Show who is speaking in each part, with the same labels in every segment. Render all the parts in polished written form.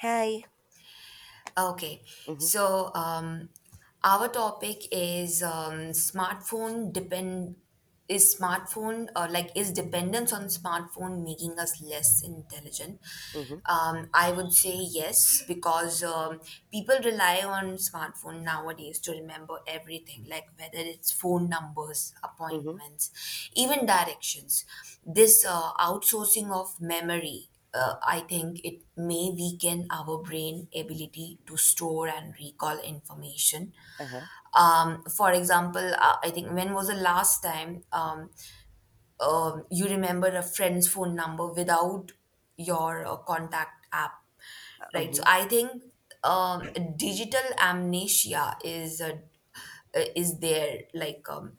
Speaker 1: Hi.
Speaker 2: Okay,
Speaker 1: Mhm.
Speaker 2: so our topic is smartphone depend is smartphone like is dependence on smartphone making us less intelligent?
Speaker 1: Mhm.
Speaker 2: I would say yes because people rely on smartphone nowadays to remember everything, like whether it's phone numbers,
Speaker 1: Mhm.
Speaker 2: appointments, even directions. This outsourcing of memory, I think it may weaken our brain ability to store and recall information.
Speaker 1: Uh-huh.
Speaker 2: For example, I think, when was the last time you remember a friend's phone number without your contact app, right? So
Speaker 1: Mhm.
Speaker 2: I think um, digital amnesia is a is there, like, um,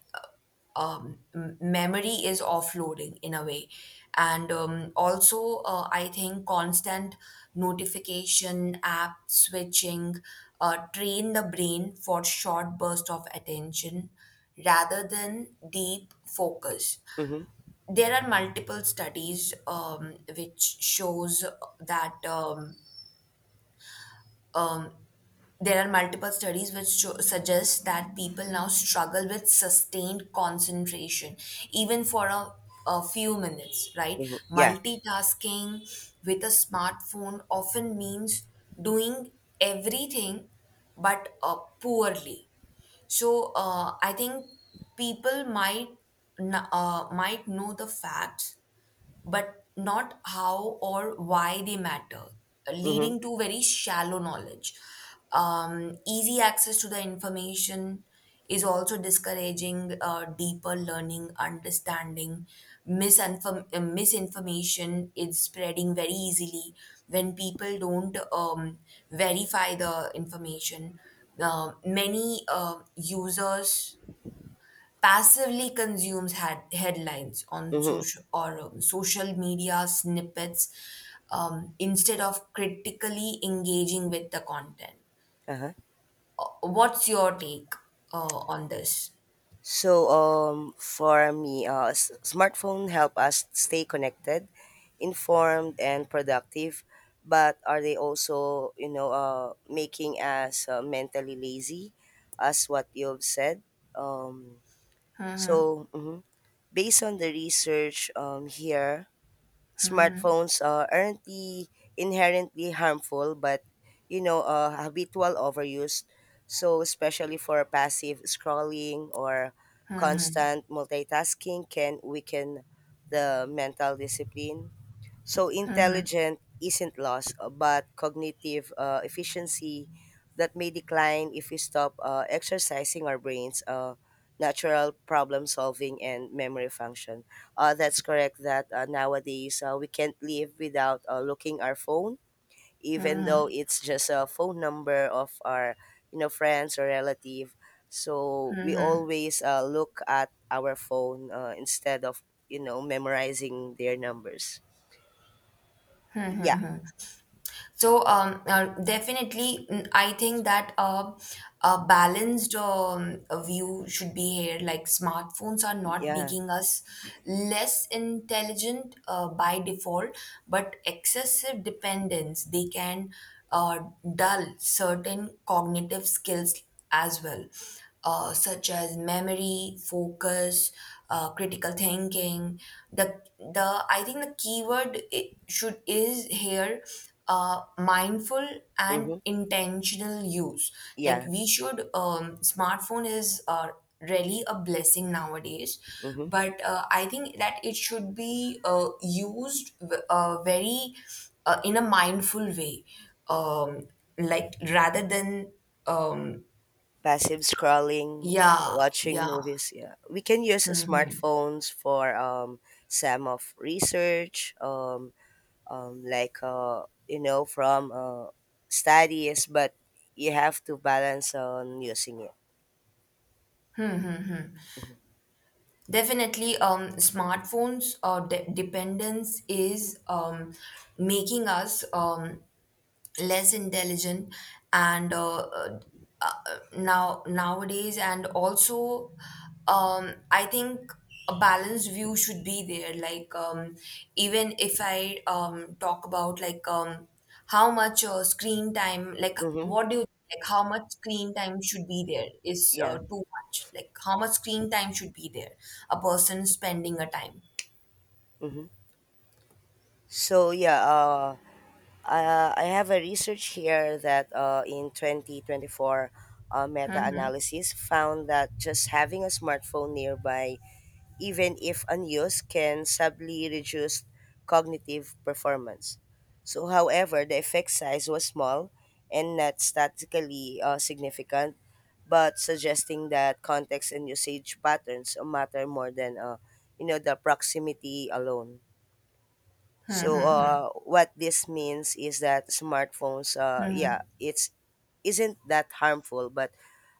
Speaker 2: um, m- memory is offloading in a way. And also, I think constant notification, app switching, train the brain for short burst of attention rather than deep focus.
Speaker 1: Mhm.
Speaker 2: There are multiple studies which shows that um, there are multiple studies which show, suggest that people now struggle with sustained concentration, even for a few minutes, right?
Speaker 1: Mhm. Yeah.
Speaker 2: Multitasking with a smartphone often means doing everything but poorly. So I think people might might know the facts but not how or why they matter,
Speaker 1: Mhm.
Speaker 2: leading to very shallow knowledge. Easy access to the information is also discouraging deeper learning, understanding. Misinformation is spreading very easily when people don't verify the information. Many users passively consumes had headlines on
Speaker 1: Mhm.
Speaker 2: social or social media snippets instead of critically engaging with the content.
Speaker 1: Uh-huh.
Speaker 2: What's your take on this?
Speaker 1: For me, smartphone help us stay connected, informed, and productive. But are they also, you know, making us mentally lazy, as what you've said? Um, Mhm. Based on the research here, smartphones aren't the inherently harmful, but you know habitual overuse, so especially for passive scrolling or constant multitasking can weaken the mental discipline. So intelligent isn't lost, but cognitive efficiency that may decline if we stop exercising our brains, natural problem solving, and memory function. That's correct that nowadays we can't live without looking our phone, even though it's just a phone number of our you know friends or relative. So we always look at our phone instead of you know memorizing their numbers. Yeah.
Speaker 2: So definitely, I think that a balanced view should be here. Like, smartphones are not
Speaker 1: Yeah.
Speaker 2: making us less intelligent by default, but excessive dependence, they can uh, dull certain cognitive skills as well, such as memory, focus, critical thinking. The, I think, the keyword it should is here, mindful and
Speaker 1: Mm-hmm.
Speaker 2: intentional use. Like
Speaker 1: Yeah.
Speaker 2: we should, smartphone is really a blessing nowadays,
Speaker 1: Mm-hmm.
Speaker 2: but I think that it should be used, very, in a mindful way, um, like rather than um,
Speaker 1: Passive scrolling,
Speaker 2: yeah,
Speaker 1: watching
Speaker 2: yeah.
Speaker 1: movies. Yeah. We can use
Speaker 2: Hmm.
Speaker 1: smartphones for some of research, like you know from studies, but you have to balance on using it.
Speaker 2: Definitely, smartphones or de dependence is making us less intelligent, and uh, nowadays, and also I think a balanced view should be there, like, even if I talk about, like how much screen time, like
Speaker 1: Mm-hmm.
Speaker 2: what do you, like how much screen time should be there, is
Speaker 1: Yeah.
Speaker 2: too much, like how much screen time should be there, a person spending a time.
Speaker 1: Mm-hmm. So, I have a research here that in 2024, meta-analysis found that just having a smartphone nearby, even if unused, can subtly reduce cognitive performance. So, however, the effect size was small and not statistically significant, but suggesting that context and usage patterns matter more than you know the proximity alone. So, what this means is that smartphones, yeah, it's isn't that harmful, but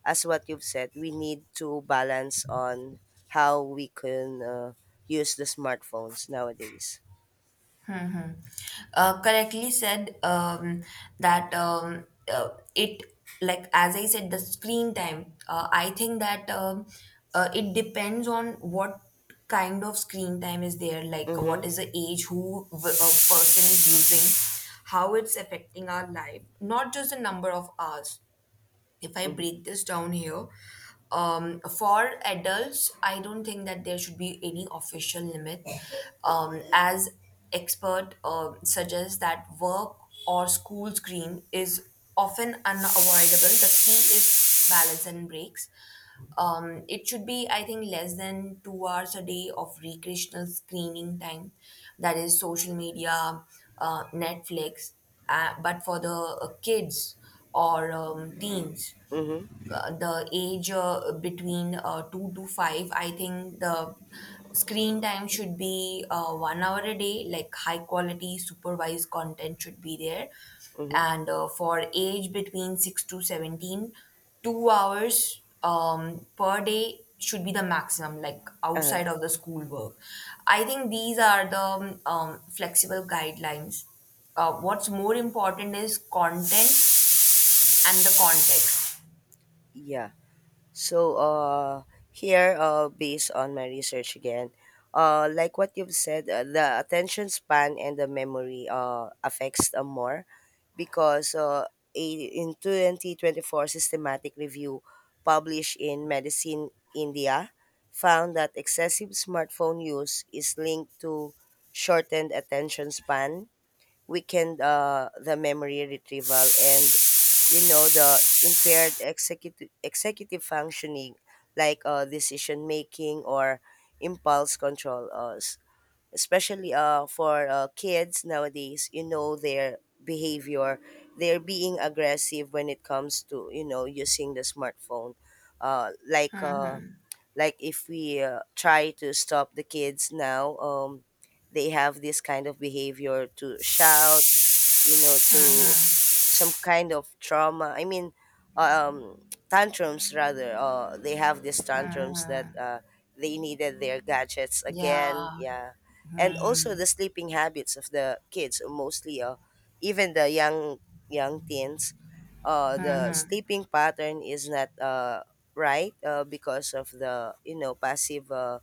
Speaker 1: as what you've said we need to balance on how we can use the smartphones nowadays.
Speaker 2: Correctly said, that it, like as I said, the screen time, I think that, it depends on what kind of screen time is there, like
Speaker 1: Mm-hmm.
Speaker 2: what is the age, who a person is using, how it's affecting our life, not just the number of hours. If I
Speaker 1: Mm-hmm.
Speaker 2: break this down here, for adults, I don't think that there should be any official limit, as expert suggests that work or school screen is often unavoidable. The key is balance and breaks. It should be, I think, less than 2 hours a day of recreational screening time, that is, social media, Netflix. But for the kids or teens, the age, between 2 to 5, I think the screen time should be 1 hour a day, like high quality supervised content should be there.
Speaker 1: Mm-hmm.
Speaker 2: And for age between 6 to 17, 2 hours per day should be the maximum, like
Speaker 1: Huh.
Speaker 2: outside of the school work. I think these are the flexible guidelines. What's more important is content and the context.
Speaker 1: Yeah. So here, based on my research again, like what you've said, the attention span and the memory affects them more because a, in 2024 systematic review published in Medicine India found that excessive smartphone use is linked to shortened attention span, weakened the memory retrieval, and you know the impaired executive functioning, like decision making or impulse control, especially for kids nowadays. You know their behavior, they're being aggressive when it comes to you know using the smartphone, uh, like uh, like if we try to stop the kids now, they have this kind of behavior to shout, you know, to some kind of trauma. I mean, um, tantrums rather. They have these tantrums that they needed their gadgets
Speaker 2: Yeah.
Speaker 1: again. Yeah, and also
Speaker 2: Mhm.
Speaker 1: the sleeping habits of the kids, mostly even the young teens. The sleeping pattern is not right because of the you know passive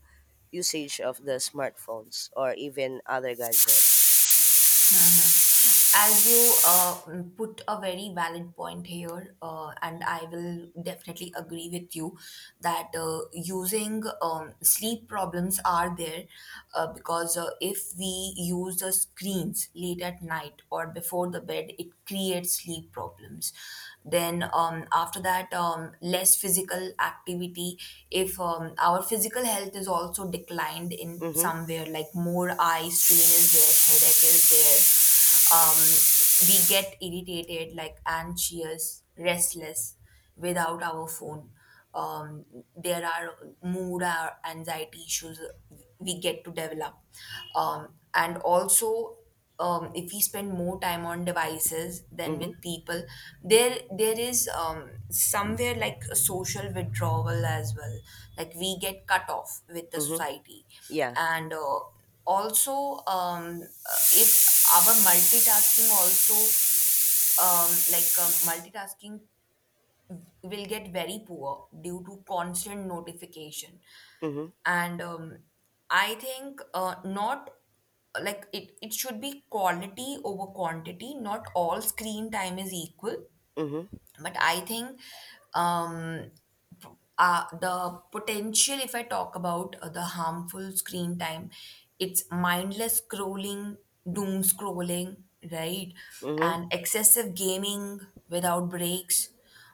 Speaker 1: usage of the smartphones or even other gadgets.
Speaker 2: As you, put a very valid point here, and I will definitely agree with you that, using, sleep problems are there, because, if we use the screens late at night or before the bed, it creates sleep problems. Then, after that, less physical activity. If our physical health is also declined in
Speaker 1: Mm-hmm.
Speaker 2: somewhere, like more eye strain is there, headache is there, um, we get irritated, like anxious, restless without our phone, um, there are mood or anxiety issues we get to develop, and also, if we spend more time on devices than
Speaker 1: Mm-hmm.
Speaker 2: with people, there is, somewhere, like a social withdrawal as well, like we get cut off with the
Speaker 1: Mm-hmm.
Speaker 2: society.
Speaker 1: Yeah.
Speaker 2: And, also, if our multitasking also, multitasking will get very poor due to constant notification.
Speaker 1: Mm-hmm.
Speaker 2: And I think, not, like it should be quality over quantity, not all screen time is equal.
Speaker 1: Mm-hmm.
Speaker 2: But I think, um p- the potential, if I talk about the harmful screen time, it's mindless scrolling, doom scrolling, right?
Speaker 1: Mm-hmm.
Speaker 2: And excessive gaming without breaks,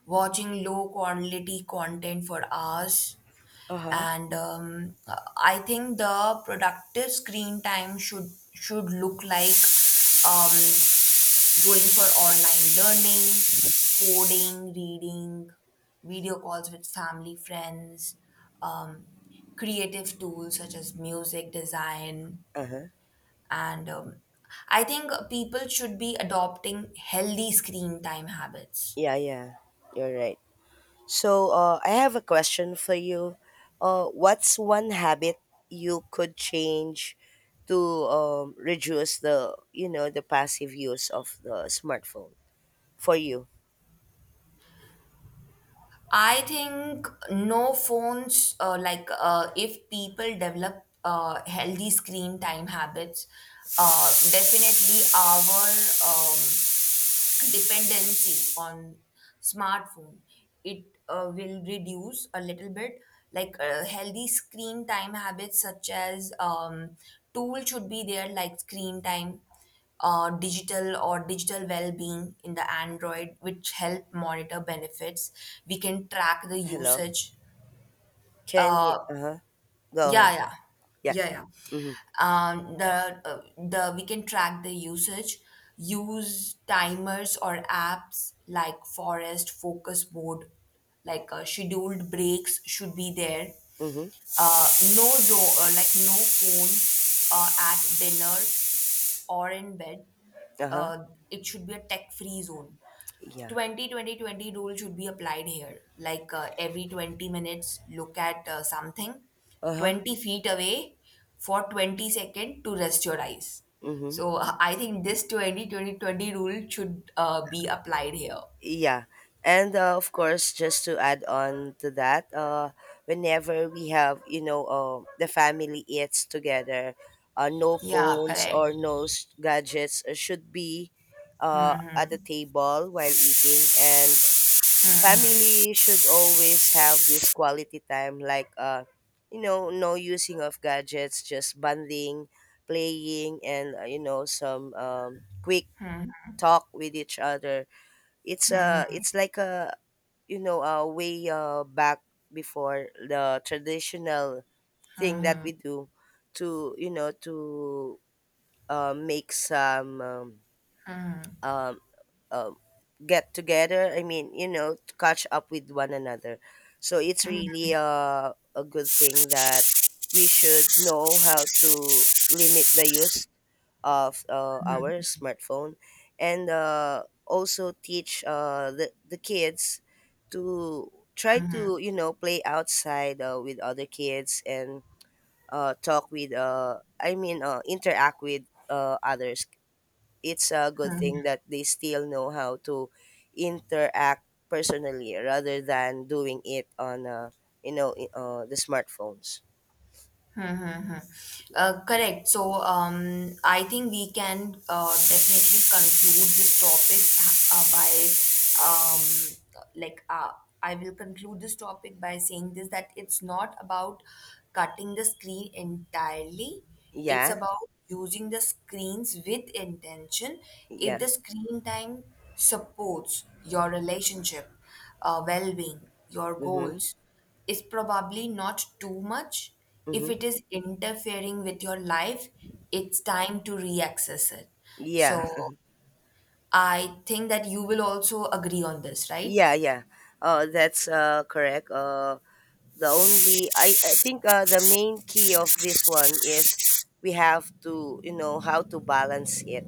Speaker 2: watching low quality content for hours.
Speaker 1: Uh-huh.
Speaker 2: And I think the productive screen time should look like, um, going for online learning, coding, reading, video calls with family, friends, um, creative tools such as music, design,
Speaker 1: Uh-huh.
Speaker 2: and I think people should be adopting healthy screen time habits.
Speaker 1: Yeah, yeah. You're right. So I have a question for you. What's one habit you could change to reduce the you know the passive use of the smartphone for you?
Speaker 2: I think no phones, like, if people develop healthy screen time habits, definitely our dependency on smartphone, it will reduce a little bit, like, healthy screen time habits such as, tool should be there, like screen time, digital or digital well-being in the android which help monitor benefits. We can track the
Speaker 1: Hello?
Speaker 2: usage,
Speaker 1: Can you
Speaker 2: uh,
Speaker 1: uh-huh. Go
Speaker 2: yeah,
Speaker 1: on.
Speaker 2: yeah,
Speaker 1: Yeah.
Speaker 2: yeah, yeah.
Speaker 1: Mm-hmm.
Speaker 2: The we can track the usage, use timers or apps like forest focus mode, like scheduled breaks should be there,
Speaker 1: Mm-hmm.
Speaker 2: uh, like no phone at dinner or in bed,
Speaker 1: Uh-huh.
Speaker 2: uh, it should be a tech free zone.
Speaker 1: Yeah.
Speaker 2: 20-20-20 rule should be applied here. Like, every 20 minutes, look at something
Speaker 1: Uh-huh.
Speaker 2: 20 feet away for 20 seconds to rest your eyes.
Speaker 1: Mm-hmm.
Speaker 2: So I think this 20-20-20 rule should be applied here.
Speaker 1: Yeah. And of course, just to add on to that, whenever we have, you know, the family eats together, no
Speaker 2: Yeah,
Speaker 1: phones
Speaker 2: correct.
Speaker 1: or no s- gadgets should be at the table while eating. And family should always have this quality time, like, you know, no using of gadgets, just bonding, playing, and, you know, some quick talk with each other. It's like a you know, way back before the traditional thing that
Speaker 2: Hmm,
Speaker 1: we do to, you know, to make some um, um, get together. I mean, you know, to catch up with one another. So it's really a good thing that we should know how to limit the use of our
Speaker 2: hmm,
Speaker 1: smartphone, and also teach the kids to try to you know play outside with other kids and talk with interact with others. It's a good
Speaker 2: hmm.
Speaker 1: thing that they still know how to interact personally rather than doing it on you know the smartphones.
Speaker 2: Mm-hmm. Correct. So, I think we can definitely conclude this topic by. I will conclude this topic by saying this, that it's not about cutting the screen entirely. It's
Speaker 1: Yeah,
Speaker 2: about using the screens with intention. If
Speaker 1: yeah.
Speaker 2: the screen time supports your relationship, well-being, your
Speaker 1: Mm-hmm.
Speaker 2: goals, is probably not too much. If
Speaker 1: Mm-hmm.
Speaker 2: it is interfering with your life, it's time to reaccess it.
Speaker 1: Yeah.
Speaker 2: So I think that you will also agree on this, right?
Speaker 1: Yeah, yeah. That's correct. The only I think the main key of this one is we have to you know how to balance it.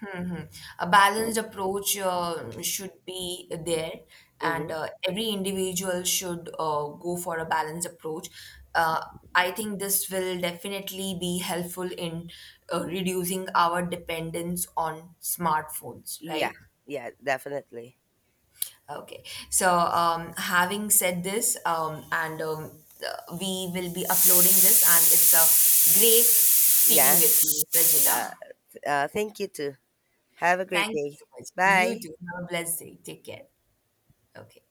Speaker 2: Hmm, hmm. A balanced approach should be there,
Speaker 1: Mm-hmm.
Speaker 2: and every individual should go for a balanced approach. Uh, I think this will definitely be helpful in reducing our dependence on smartphones,
Speaker 1: Yeah,
Speaker 2: right?
Speaker 1: yeah, definitely.
Speaker 2: Okay. So, having said this, and we will be uploading this, and it's great speaking
Speaker 1: Yeah.
Speaker 2: with you,
Speaker 1: Uh,
Speaker 2: Regina.
Speaker 1: Thank you too. Have a great
Speaker 2: Thank you
Speaker 1: day.
Speaker 2: so much. You
Speaker 1: Bye.
Speaker 2: too. Have a blessed day. Take care. Okay.